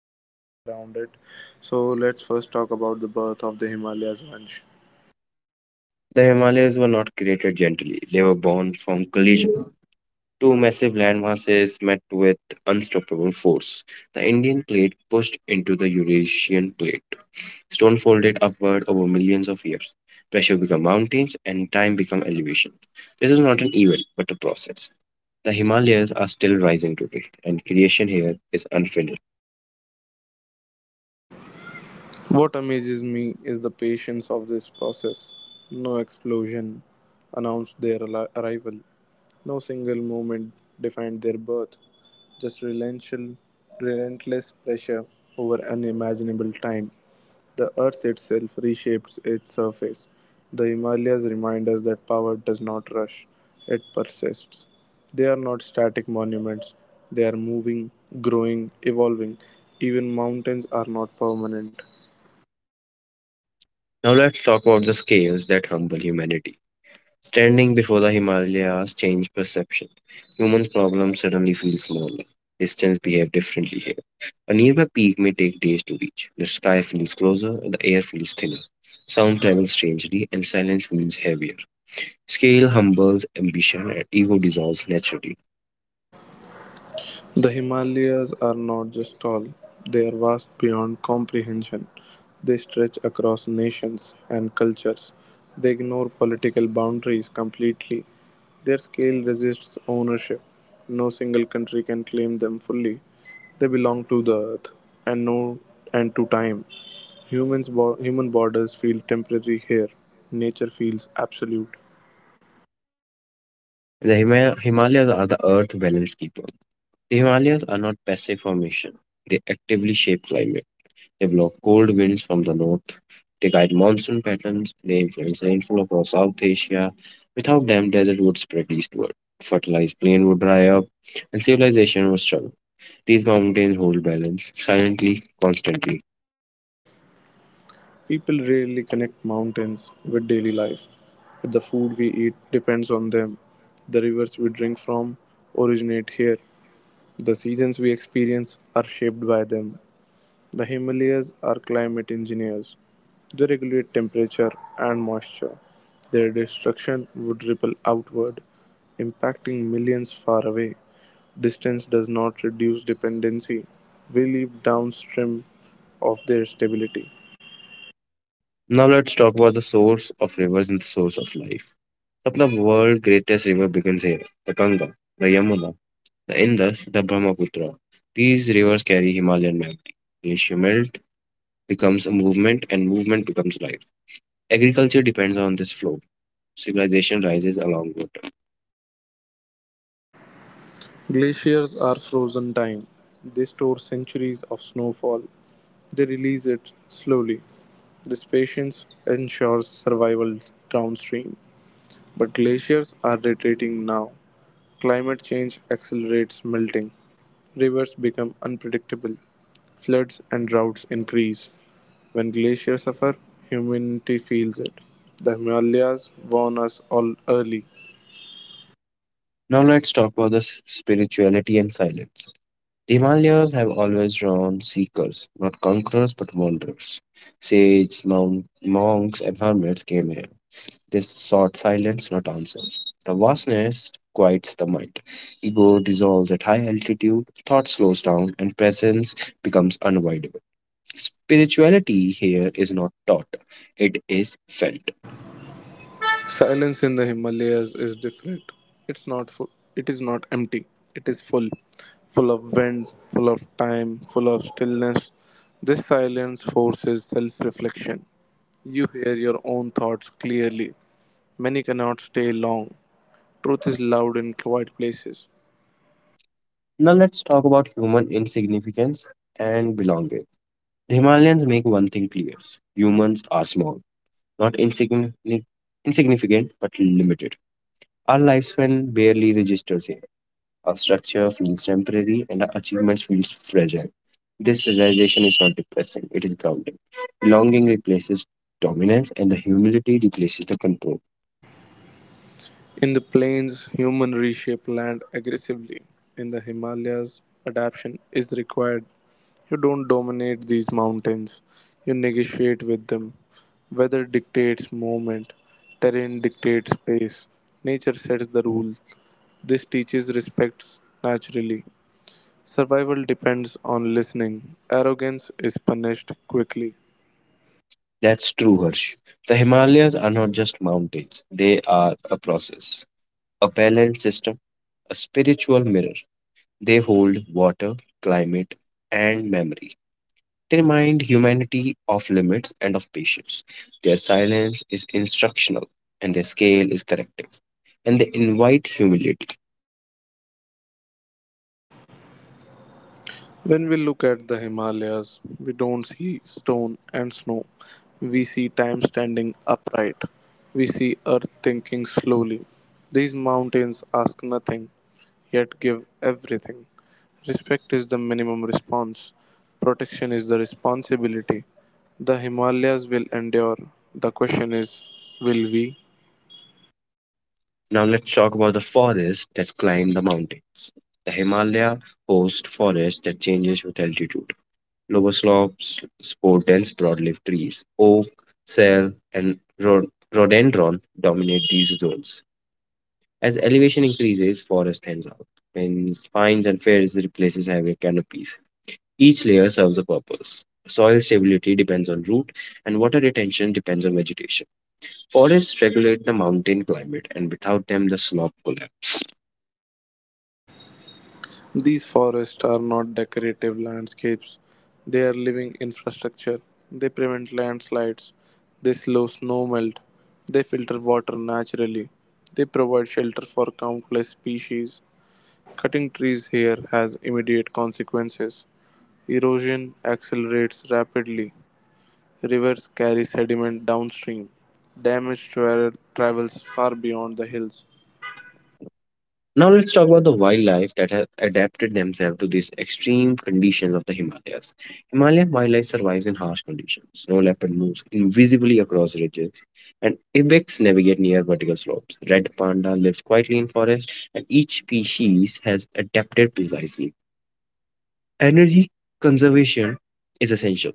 and everything around it. So let's first talk about the birth of the Himalayas, Vansh. The Himalayas were not created gently, they were born from collision. Two massive land masses met with unstoppable force. The Indian plate pushed into the Eurasian plate. Stone folded upward over millions of years. Pressure became mountains and time became elevation. This is not an event, but a process. The Himalayas are still rising today, and creation here is unfinished. What amazes me is the patience of this process. No explosion announced their arrival. No single moment defined their birth, just relentless pressure over unimaginable time. The earth itself reshapes its surface. The Himalayas remind us that power does not rush, it persists. They are not static monuments, they are moving, growing, evolving. Even mountains are not permanent. Now let's talk about the scales that humble humanity. Standing before the Himalayas changed perception. Humans' problems suddenly feel smaller. Distance behave differently here. A nearby peak may take days to reach. The sky feels closer, the air feels thinner. Sound travels strangely, and silence feels heavier. Scale humbles ambition, and ego dissolves naturally. The Himalayas are not just tall, they are vast beyond comprehension. They stretch across nations and cultures. They ignore political boundaries completely. Their scale resists ownership. No single country can claim them fully. They belong to the earth and no and to time. Human borders feel temporary here. Nature feels absolute. The Himalayas are the earth balance keeper. The Himalayas are not passive formation, they actively shape climate. They block cold winds from the north. They guide monsoon patterns. They influence rainfall across South Asia. Without them, desert would spread eastward. Fertilized plain would dry up, and civilization would struggle. These mountains hold balance, silently, constantly. People rarely connect mountains with daily life, but the food we eat depends on them. The rivers we drink from originate here. The seasons we experience are shaped by them. The Himalayas are climate engineers. They regulate temperature and moisture. Their destruction would ripple outward, impacting millions far away. Distance does not reduce dependency. We live downstream of their stability. Now let's talk about the source of rivers and the source of life. Of the world's greatest river begins here the Ganga, the Yamuna, the Indus, the Brahmaputra. These rivers carry Himalayan memory. Glacier melt becomes a movement, and movement becomes life. Agriculture depends on this flow. Civilization rises along water. Glaciers are frozen time. They store centuries of snowfall. They release it slowly. This patience ensures survival downstream. But glaciers are retreating now. Climate change accelerates melting. Rivers become unpredictable. Floods and droughts increase. When glaciers suffer, humanity feels it. The Himalayas warn us all early. Now let's talk about the spirituality and silence. The Himalayas have always drawn seekers, not conquerors but wanderers. Sages, monks, and hermits came here. They sought silence, not answers. The vastness quiets the mind. Ego dissolves at high altitude, thought slows down, and presence becomes unavoidable. Spirituality here is not taught, it is felt. Silence in the Himalayas is different. It's not full. It is not empty. It is full, full of wind, full of time, full of stillness. This silence forces self-reflection. You hear your own thoughts clearly. Many cannot stay long. Truth is loud in quiet places. Now let's talk about human insignificance and belonging. The Himalayans make one thing clear humans are small, not insignificant, insignificant but limited. Our lifespan barely registers here. Our structure feels temporary and our achievements feel fragile. This realization is not depressing, it is grounding. Belonging replaces dominance and the humility replaces the control. In the plains, humans reshape land aggressively. In the Himalayas, adaptation is required. You don't dominate these mountains, you negotiate with them. Weather dictates movement, terrain dictates pace, nature sets the rule. This teaches respect naturally. Survival depends on listening, arrogance is punished quickly. That's true, Harsh. The Himalayas are not just mountains, they are a process, a balanced system a spiritual mirror. They hold water, climate, and memory. They remind humanity of limits and of patience. Their silence is instructional and their scale is corrective. And they invite humility. When we look at the Himalayas, we don't see stone and snow. We see time standing upright. We see earth thinking slowly. These mountains ask nothing, yet give everything. Respect is the minimum response. Protection is the responsibility. The Himalayas will endure. The question is, will we? Now let's talk about the forests that climb the mountains. The Himalaya hosts forests that changes with altitude. Lower slopes support dense broadleaf trees. Oak, cell, and rhododendron dominate these zones. As elevation increases, forest thins out, and pines and firs replaces heavier canopies. Each layer serves a purpose. Soil stability depends on root, and water retention depends on vegetation. Forests regulate the mountain climate, and without them, the slope collapses. These forests are not decorative landscapes, they are living infrastructure. They prevent landslides, they slow snow melt, they filter water naturally, they provide shelter for countless species. Cutting trees here has immediate consequences. Erosion accelerates rapidly, rivers carry sediment downstream, travels far beyond the hills. Now let's talk about the wildlife that have adapted themselves to these extreme conditions of the Himalayas. Himalayan wildlife survives in harsh conditions. Snow leopard moves invisibly across ridges, and ibex navigate near vertical slopes. Red panda lives quietly in forests, and each species has adapted precisely. Energy conservation is essential.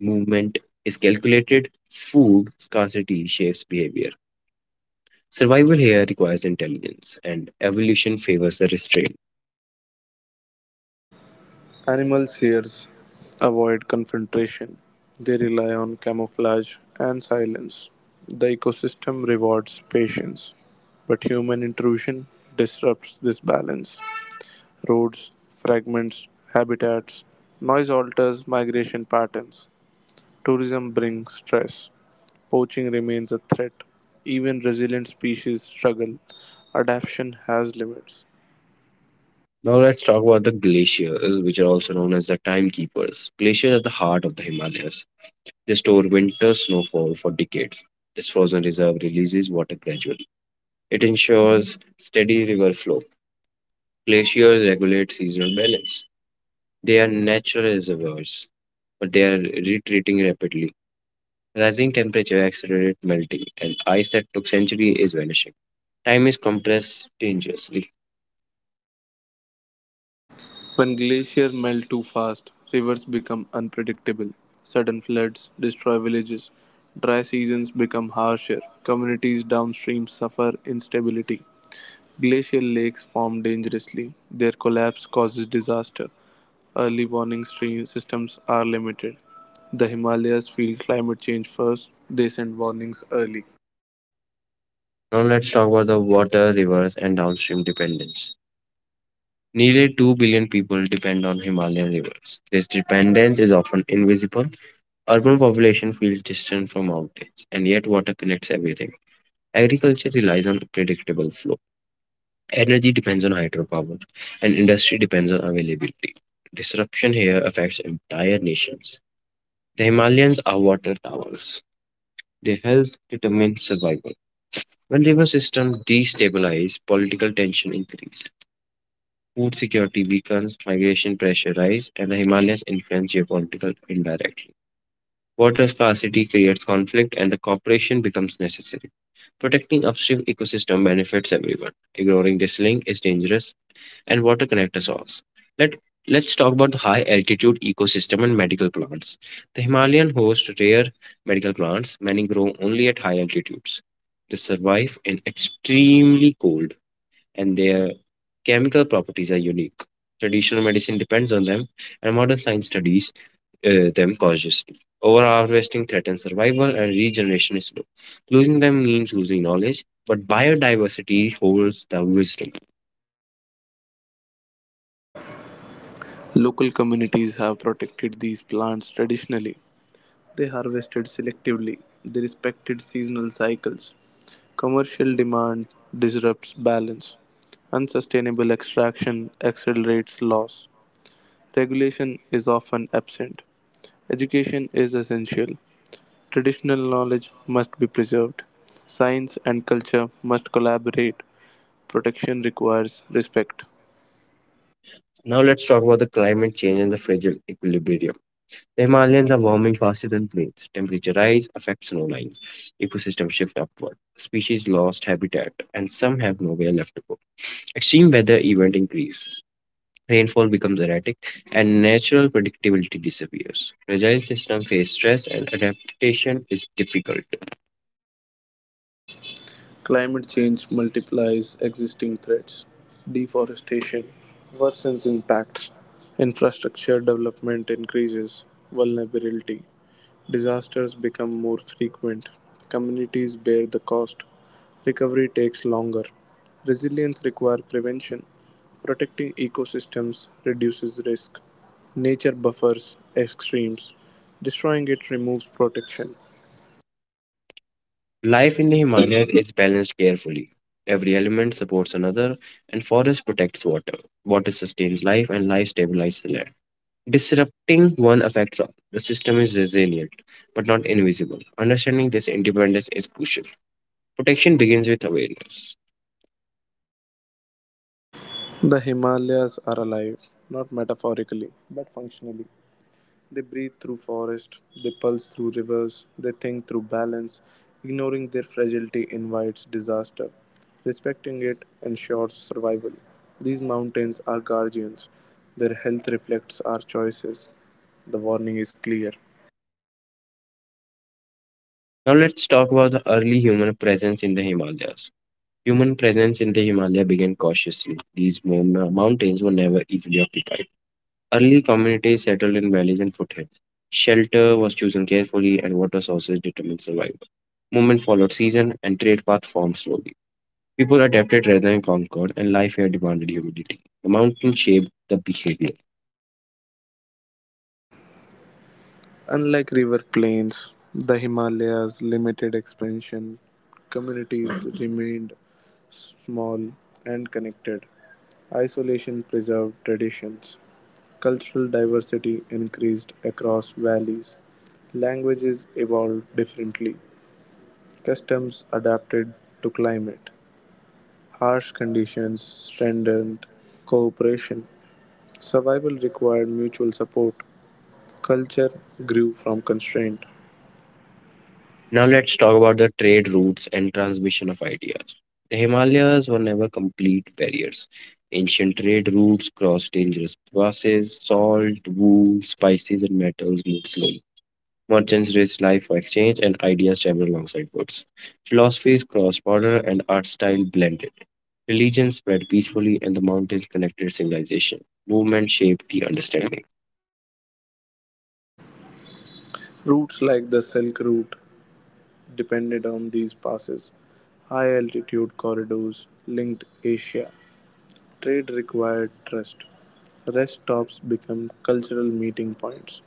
Movement is calculated. Food scarcity shapes behavior. Survival here requires intelligence, and evolution favors the restraint. Animals here avoid confrontation. They rely on camouflage and silence. The ecosystem rewards patience, but human intrusion disrupts this balance. Roads, fragments, habitats, noise alters migration patterns. Tourism brings stress. Poaching remains a threat. Even resilient species struggle. Adaptation has limits. Now let's talk about the glaciers, which are also known as the timekeepers. Glaciers are the heart of the Himalayas. They store winter snowfall for decades. This frozen reserve releases water gradually. It ensures steady river flow. Glaciers regulate seasonal balance. They are natural reservoirs, but they are retreating rapidly. Rising temperature accelerates melting, and ice that took centuries is vanishing. Time is compressed dangerously. When glaciers melt too fast, rivers become unpredictable. Sudden floods destroy villages. Dry seasons become harsher. Communities downstream suffer instability. Glacial lakes form dangerously. Their collapse causes disaster. Early warning stream systems are limited. The Himalayas feel climate change first. They send warnings early. Now let's talk about the water, rivers, and downstream dependence. Nearly 2 billion people depend on Himalayan rivers. This dependence is often invisible. Urban population feels distant from mountains, and yet water connects everything. Agriculture relies on predictable flow. Energy depends on hydropower, and industry depends on availability. Disruption here affects entire nations. The Himalayas are water towers. Their health determines survival. When river systems destabilize, political tension increase. Food security weakens, migration pressure rise, and the Himalayas influence geopolitical indirectly. Water scarcity creates conflict, and the cooperation becomes necessary. Protecting upstream ecosystem benefits everyone. Ignoring this link is dangerous, and water connects us all. Let Let's talk about the high altitude ecosystem and medical plants. The Himalayan host rare medical plants, many grow only at high altitudes. They survive in extremely cold and their Chemical properties are unique. Traditional medicine depends on them, and modern science studies them cautiously. Overharvesting threatens survival, and regeneration is slow. Losing them means losing knowledge, but biodiversity holds the wisdom. Local communities have protected these plants traditionally. They harvested selectively. They respected seasonal cycles. Commercial demand disrupts balance; unsustainable extraction accelerates loss; regulation is often absent. Education is essential; traditional knowledge must be preserved; science and culture must collaborate; protection requires respect. Now let's talk about the climate change and the fragile equilibrium. The Himalayas are warming faster than plains. Temperature rise affects snow lines. Ecosystem shift upward. Species lost habitat, and some have nowhere left to go. Extreme weather event increase. Rainfall becomes erratic, and natural predictability disappears. Fragile systems face stress, and adaptation is difficult. Climate change multiplies existing threats. Deforestation worsens impacts. Infrastructure development increases vulnerability. Disasters become more frequent, communities bear the cost, recovery takes longer. Resilience requires prevention, protecting ecosystems reduces risk. Nature buffers extremes, destroying it removes protection. Life in the Himalayas is balanced carefully. Every element supports another, and forest protects water. Water sustains life, and life stabilizes the land. Disrupting one affects all. The system is resilient, but not invisible. Understanding this independence is crucial. Protection begins with awareness. The Himalayas are alive, not metaphorically, but functionally. They breathe through forest, they pulse through rivers, they think through balance. Ignoring their fragility invites disaster. Respecting it ensures survival. These mountains are guardians. Their health reflects our choices. The warning is clear. Now let's talk about the early human presence in the Himalayas. Human presence in the Himalaya began cautiously. These mountains were never easily occupied. Early communities settled in valleys and foothills. Shelter was chosen carefully, and water sources determined survival. Movement followed season, and trade paths formed slowly. People adapted rather than conquered, and life here demanded humidity. The mountain shaped the behavior. Unlike river plains, the Himalayas' limited expansion, communities remained small and connected. Isolation preserved traditions. Cultural diversity increased across valleys, languages evolved differently, customs adapted to climate, harsh conditions strengthened cooperation, survival required mutual support, culture grew from constraint. Now let's talk about the trade routes and transmission of ideas. The Himalayas were never complete barriers. Ancient trade routes crossed dangerous passes, salt, wool, spices, and metals moved slowly. Merchants risked life for exchange, and ideas traveled alongside goods. Philosophies crossed border, and art style blended. Religion spread peacefully, and the mountains connected civilization. Movement shaped the understanding. Routes like the Silk Route depended on these passes. High altitude corridors linked Asia. Trade required trust. Rest stops became cultural meeting points.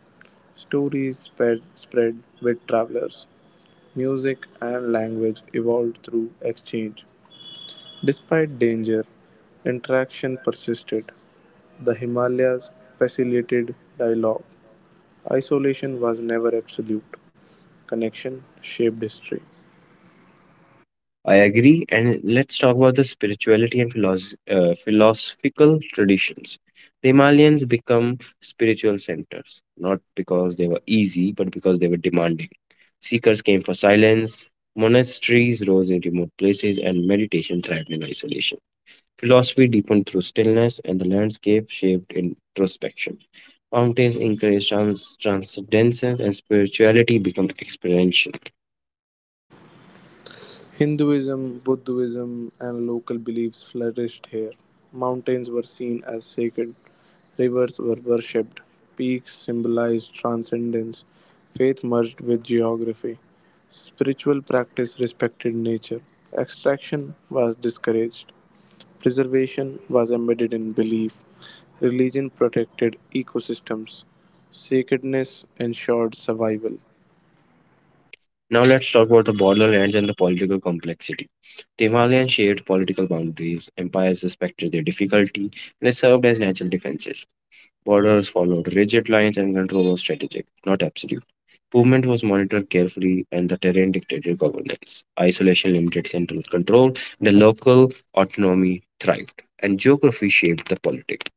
Spread with travelers. Music and language evolved through exchange. Despite danger, interaction persisted. The Himalayas facilitated dialogue. Isolation was never absolute. Connection shaped history. I agree. And let's talk about the spirituality and philosophical traditions. The Himalayans become spiritual centers, not because they were easy, but because they were demanding. Seekers came for silence, monasteries rose in remote places, and meditation thrived in isolation. Philosophy deepened through stillness, and the landscape shaped introspection. Mountains encouraged transcendence, and spirituality became experiential. Hinduism, Buddhism, and local beliefs flourished here. Mountains were seen as sacred. Rivers were worshipped, peaks symbolized transcendence, faith merged with geography, spiritual practice respected nature, extraction was discouraged, preservation was embedded in belief, religion protected ecosystems, sacredness ensured survival. Now let's talk about the borderlands and the political complexity. The Himalayan shared political boundaries, empires respected their difficulty, and they served as natural defenses. Borders followed rigid lines and control was strategic, not absolute. Movement was monitored carefully, and the terrain dictated governance. Isolation limited central control, and the local autonomy thrived, and geography shaped the politics.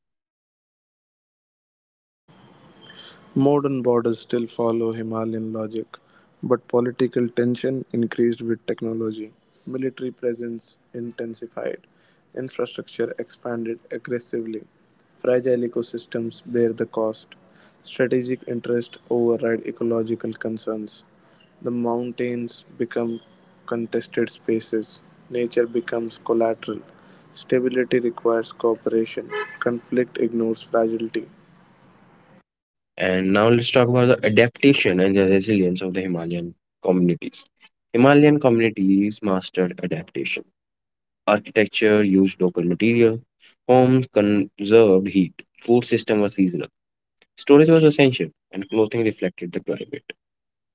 Modern borders still follow Himalayan logic, but political tension increased with technology. Military presence intensified, infrastructure expanded aggressively. Fragile ecosystems bear the cost. Strategic interests override ecological concerns. The mountains become contested spaces. Nature becomes collateral. Stability requires cooperation. Conflict ignores fragility. And now let's talk about the adaptation and the resilience of the Himalayan communities. Himalayan communities mastered adaptation. Architecture used local material. Homes conserved heat. Food system was seasonal. Storage was essential, and clothing reflected the climate.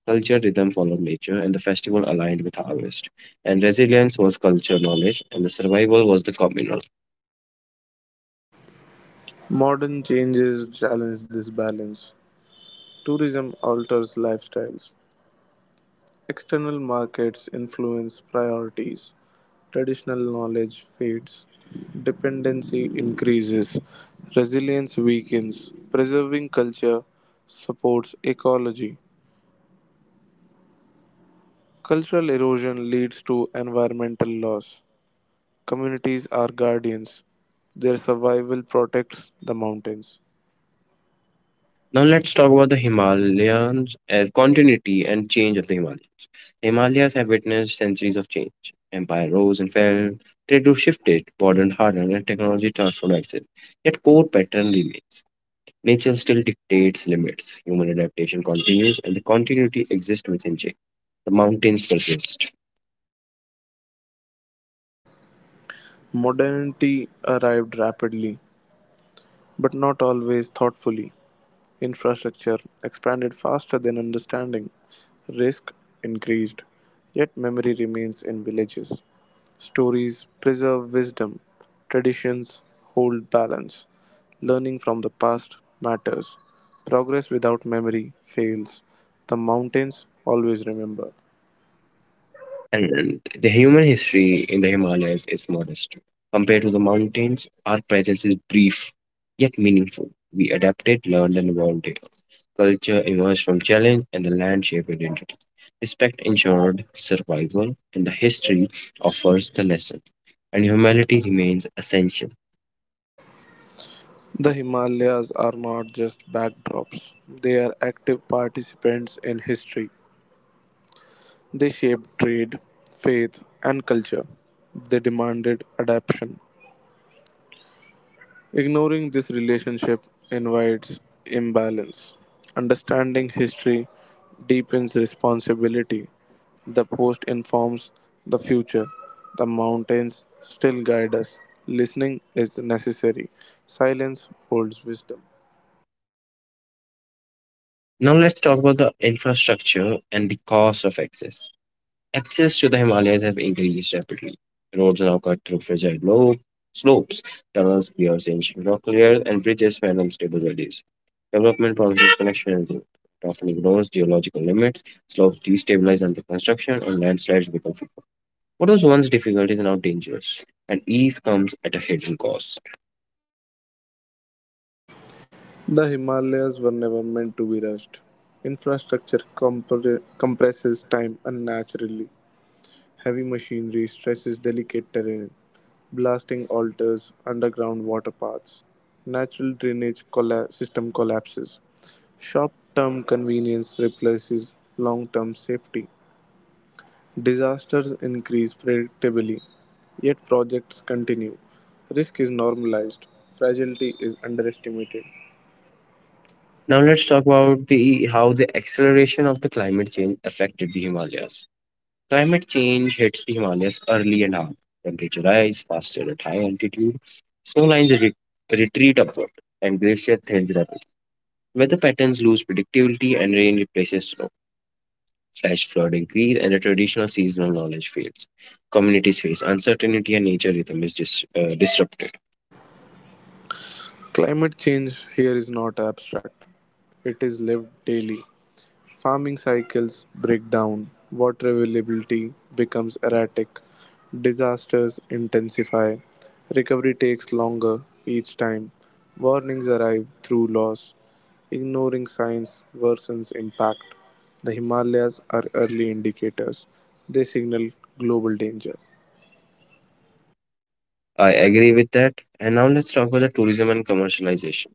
Culture rhythm followed nature, and the festival aligned with harvest. And resilience was culture knowledge, and the survival was the communal. Modern changes challenge this balance. Tourism alters lifestyles. External markets influence priorities. Traditional knowledge fades. Dependency increases. Resilience weakens. Preserving culture supports ecology. Cultural erosion leads to environmental loss. Communities are guardians. Their survival protects the mountains. Now let's talk about the Himalayans as continuity and change of the Himalayas. The Himalayas have witnessed centuries of change. Empire rose and fell, trade routes shifted, modern hardened, and technology transformed access. Yet core pattern remains. Nature still dictates limits. Human adaptation continues, and the continuity exists within change. The mountains persist. Modernity arrived rapidly. But not always thoughtfully. Infrastructure expanded faster than understanding. Risk increased. Yet memory remains in villages. Stories preserve wisdom. Traditions hold balance. Learning from the past matters. Progress without memory fails. The mountains always remember. And the human history in the Himalayas is modest. Compared to the mountains, our presence is brief yet meaningful. We adapted, learned, and evolved. Culture emerged from challenge, and the land shaped identity. Respect ensured survival, and the history offers the lesson. And humanity remains essential. The Himalayas are not just backdrops, they are active participants in history. They shaped trade, faith, and culture. They demanded adaptation. Ignoring this relationship invites imbalance. Understanding history deepens responsibility. The past informs the future. The mountains still guide us. Listening is necessary. Silence holds wisdom. Now, let's talk about the infrastructure and the cost of access. Access to the Himalayas have increased rapidly. Roads now cut through fragile low slopes, tunnels pierce ancient rock layers, and bridges span unstable valleys. Development promises connection and growth. It often ignores geological limits, slopes destabilize under construction, and landslides become frequent. What was once difficult is now dangerous, and ease comes at a hidden cost. The Himalayas were never meant to be rushed. Compresses time unnaturally. Heavy machinery stresses delicate terrain, blasting altars, underground water paths. System collapses. Short-term convenience replaces long-term safety. Disasters increase predictably, yet projects continue. Risk is normalized, fragility is underestimated. Now let's talk about the how the acceleration of the climate change affected the Himalayas. Climate change hits the Himalayas early and hard. Temperature rise faster at high altitude. Snow lines re- retreat upward, and glacier thins rapidly. Weather patterns lose predictability, and rain replaces snow. Flash flood increase, and the traditional seasonal knowledge fails. Communities face uncertainty, and nature rhythm is disrupted. Climate change here is not abstract, it is lived daily. Farming cycles break down, water availability becomes erratic, disasters intensify, recovery takes longer each time, warnings arrive through laws, ignoring signs worsens impact. The Himalayas are early indicators, they signal global danger. I agree with that. And now let's talk about the tourism and commercialization.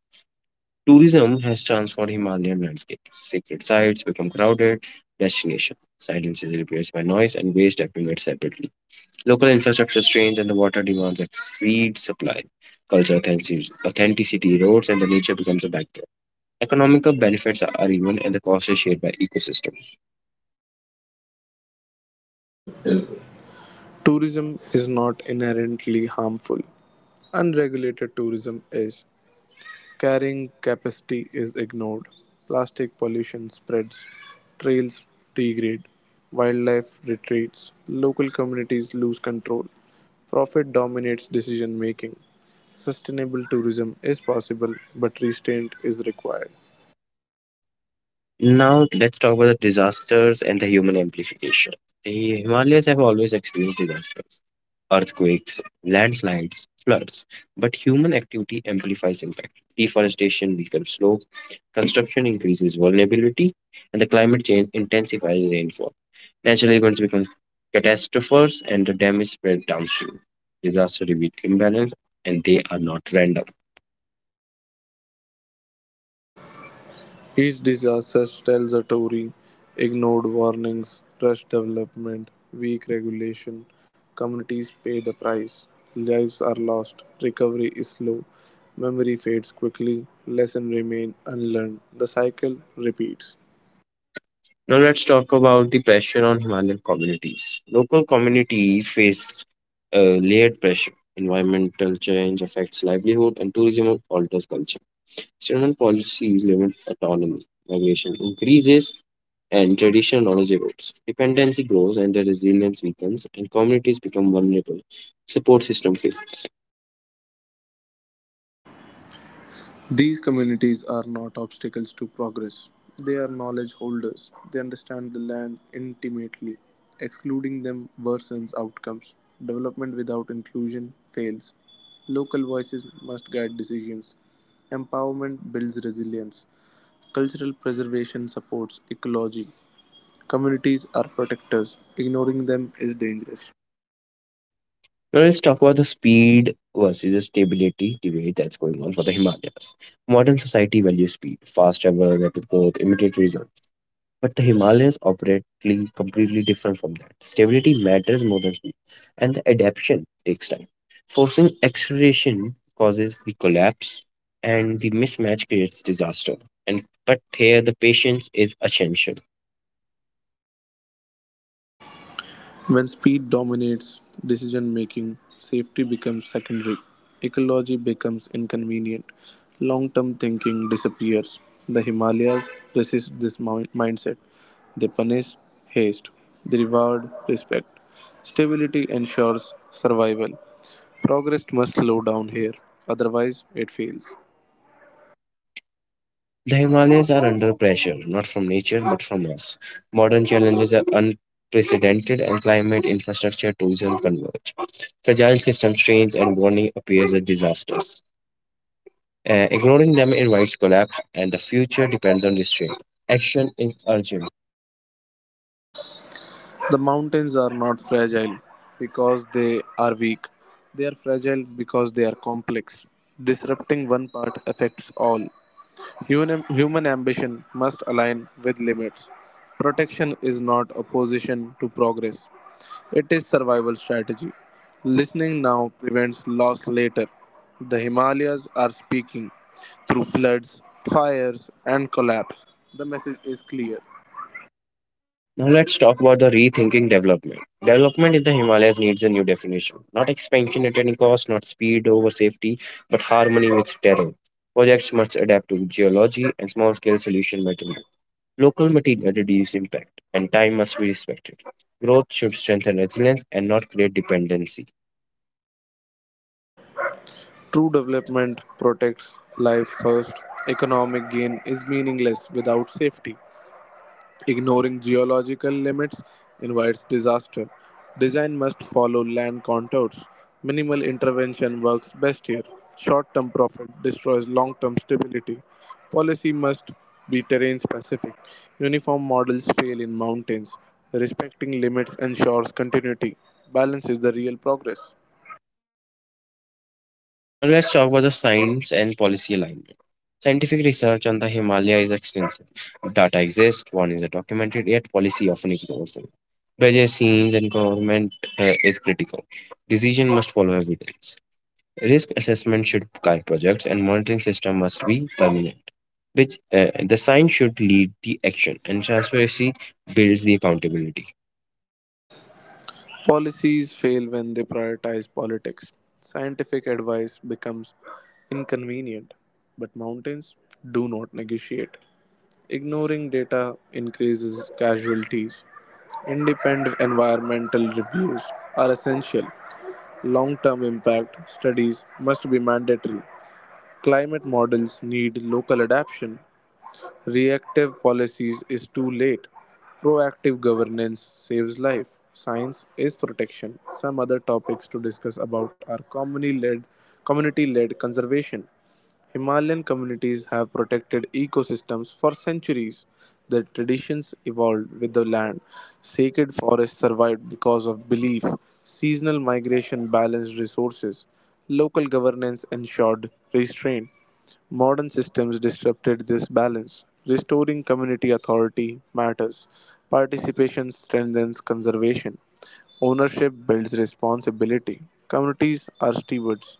Tourism has transformed Himalayan landscape. Sacred sites become crowded destination. Silence is replaced by noise and waste accumulates separately. Local infrastructure strains and the water demands exceed supply. Authenticity erodes and the nature becomes a backdrop. Economical benefits are uneven and the cost is shared by ecosystem. Tourism is not inherently harmful, unregulated tourism is. Carrying capacity is ignored, plastic pollution spreads, trails degrade, wildlife retreats, local communities lose control, profit dominates decision making. Sustainable tourism is possible, but restraint is required. Now let's talk about the disasters and the human amplification. The Himalayas have always experienced disasters, earthquakes, landslides, floods, but human activity amplifies impact. Deforestation weakens slopes, construction increases vulnerability, and the climate change intensifies rainfall. Natural events become catastrophes and the damage spread downstream. Disasters reveal imbalance and they are not random. Each disaster tells a story: ignored warnings, rushed development, weak regulation. Communities pay the price. Lives are lost. Recovery is slow. Memory fades quickly. Lessons remain unlearned. The cycle repeats. Now let's talk about the pressure on Himalayan communities. Local communities face layered pressure. Environmental change affects livelihood and tourism alters culture. External policies limit autonomy. Migration increases and traditional knowledge erodes. Dependency grows and the resilience weakens and communities become vulnerable. Support system fails. These communities are not obstacles to progress. They are knowledge holders. They understand the land intimately. Excluding them worsens outcomes. Development without inclusion fails. Local voices must guide decisions. Empowerment builds resilience. Cultural preservation supports ecology. Communities are protectors. Ignoring them is dangerous. Now let's talk about the speed versus stability debate that's going on for the Himalayas. Modern society values speed, fast travel, rapid growth, immediate results. But the Himalayas operate completely different from that. Stability matters more than speed, and the adaptation takes time. Forcing acceleration causes the collapse, and the mismatch creates disaster. And but here the patience is essential. When speed dominates decision-making, safety becomes secondary, ecology becomes inconvenient, long-term thinking disappears. The Himalayas resist this mindset. They punish haste, they reward respect. Stability ensures survival. Progress must slow down here, otherwise, it fails. The Himalayas are under pressure, not from nature but from us. Modern challenges are unprecedented, and climate, infrastructure, tourism converge. Fragile system strains and warning appears as disasters. Ignoring them invites collapse, and the future depends on restraint. Action is urgent. The mountains are not fragile because they are weak. They are fragile because they are complex. Disrupting one part affects all. Human ambition must align with limits. Protection is not opposition to progress, it is survival strategy. Listening now prevents loss later. The Himalayas are speaking through floods, fires, and collapse. The message is clear. Now let's talk about the rethinking development. Development in the Himalayas needs a new definition. Not expansion at any cost, not speed over safety, but harmony with terrain. Projects must adapt to geology and small scale solution matter. Local materiality is impact, and time must be respected. Growth should strengthen resilience and not create dependency. True development protects life first. Economic gain is meaningless without safety. Ignoring geological limits invites disaster. Design must follow land contours. Minimal intervention works best here. Short term profit destroys long term stability. Policy must be terrain specific. Uniform models fail in mountains. Respecting limits ensures continuity. Balance is the real progress. Now, let's talk about the science and policy alignment. Scientific research on the Himalaya is extensive. Data exists, one is documented, yet policy often ignores it. Budget scenes and government is critical. Decision must follow evidence. Risk assessment should guide projects, and monitoring system must be permanent. Which The science should lead the action, and transparency builds the accountability. Policies fail when they prioritize politics. Scientific advice becomes inconvenient, but mountains do not negotiate. Ignoring data increases casualties. Independent environmental reviews are essential. Long term impact studies must be mandatory. Climate models need local adaptation. Reactive policies is too late. Proactive governance saves life. Science is protection. Some other topics to discuss about are community-led conservation. Himalayan communities have protected ecosystems for centuries. Their traditions evolved with the land. Sacred forests survived because of belief. Seasonal migration balanced resources. Local governance ensured restraint. Modern systems disrupted this balance. Restoring community authority matters. Participation strengthens conservation. Ownership builds responsibility. Communities are stewards.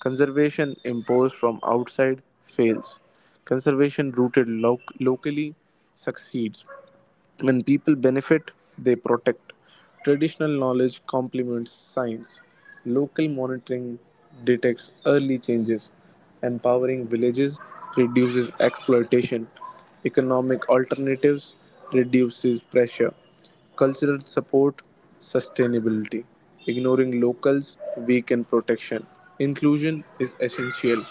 Conservation imposed from outside fails. Conservation rooted locally succeeds. When people benefit, they protect. Traditional knowledge complements science. Local monitoring detects early changes. Empowering villages reduces exploitation. Economic alternatives reduces pressure. Cultural support sustainability. Ignoring locals weaken protection. Inclusion is essential.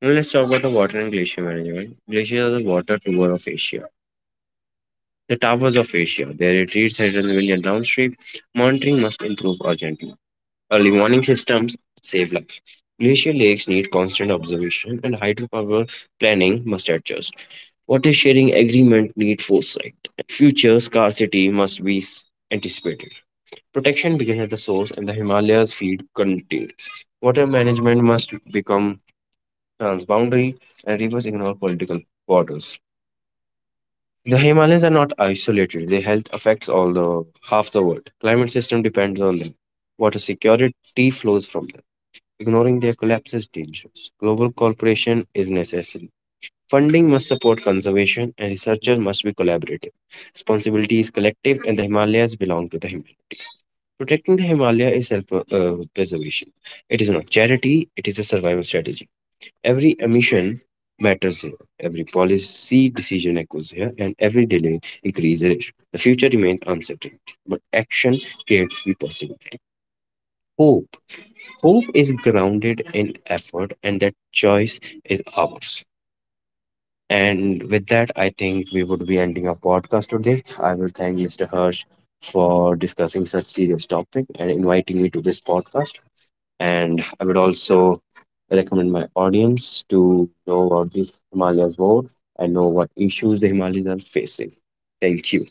Now let's talk about the water and glacier management. Glaciers are the water tower of Asia, the towers of Asia. Their retreats at an million downstream. Monitoring must improve urgently. Early warning systems save lives. Glacier lakes need constant observation, and hydropower planning must adjust. Water sharing agreement need foresight. Future scarcity must be anticipated. Protection begins at the source, and the Himalayas feed continues. Water management must become transboundary, and rivers ignore political borders. The Himalayas are not isolated. Their health affects all the half the world. Climate system depends on them. Water security flows from them. Ignoring their collapse is dangerous. Global cooperation is necessary. Funding must support conservation and researchers must be collaborative. Responsibility is collective and the Himalayas belong to the Himalaya. Protecting the Himalaya is self preservation. It is not charity, it is a survival strategy. Every emission matters here, every policy decision echoes here, and every delay increases risk. The future remains uncertain, but action creates the possibility. Hope. Hope is grounded in effort, and that choice is ours. And with that, I think we would be ending our podcast today. I will thank Mr. Hirsch for discussing such serious topic and inviting me to this podcast. And I would also recommend my audience to know about the Himalayas more and know what issues the Himalayas are facing. Thank you.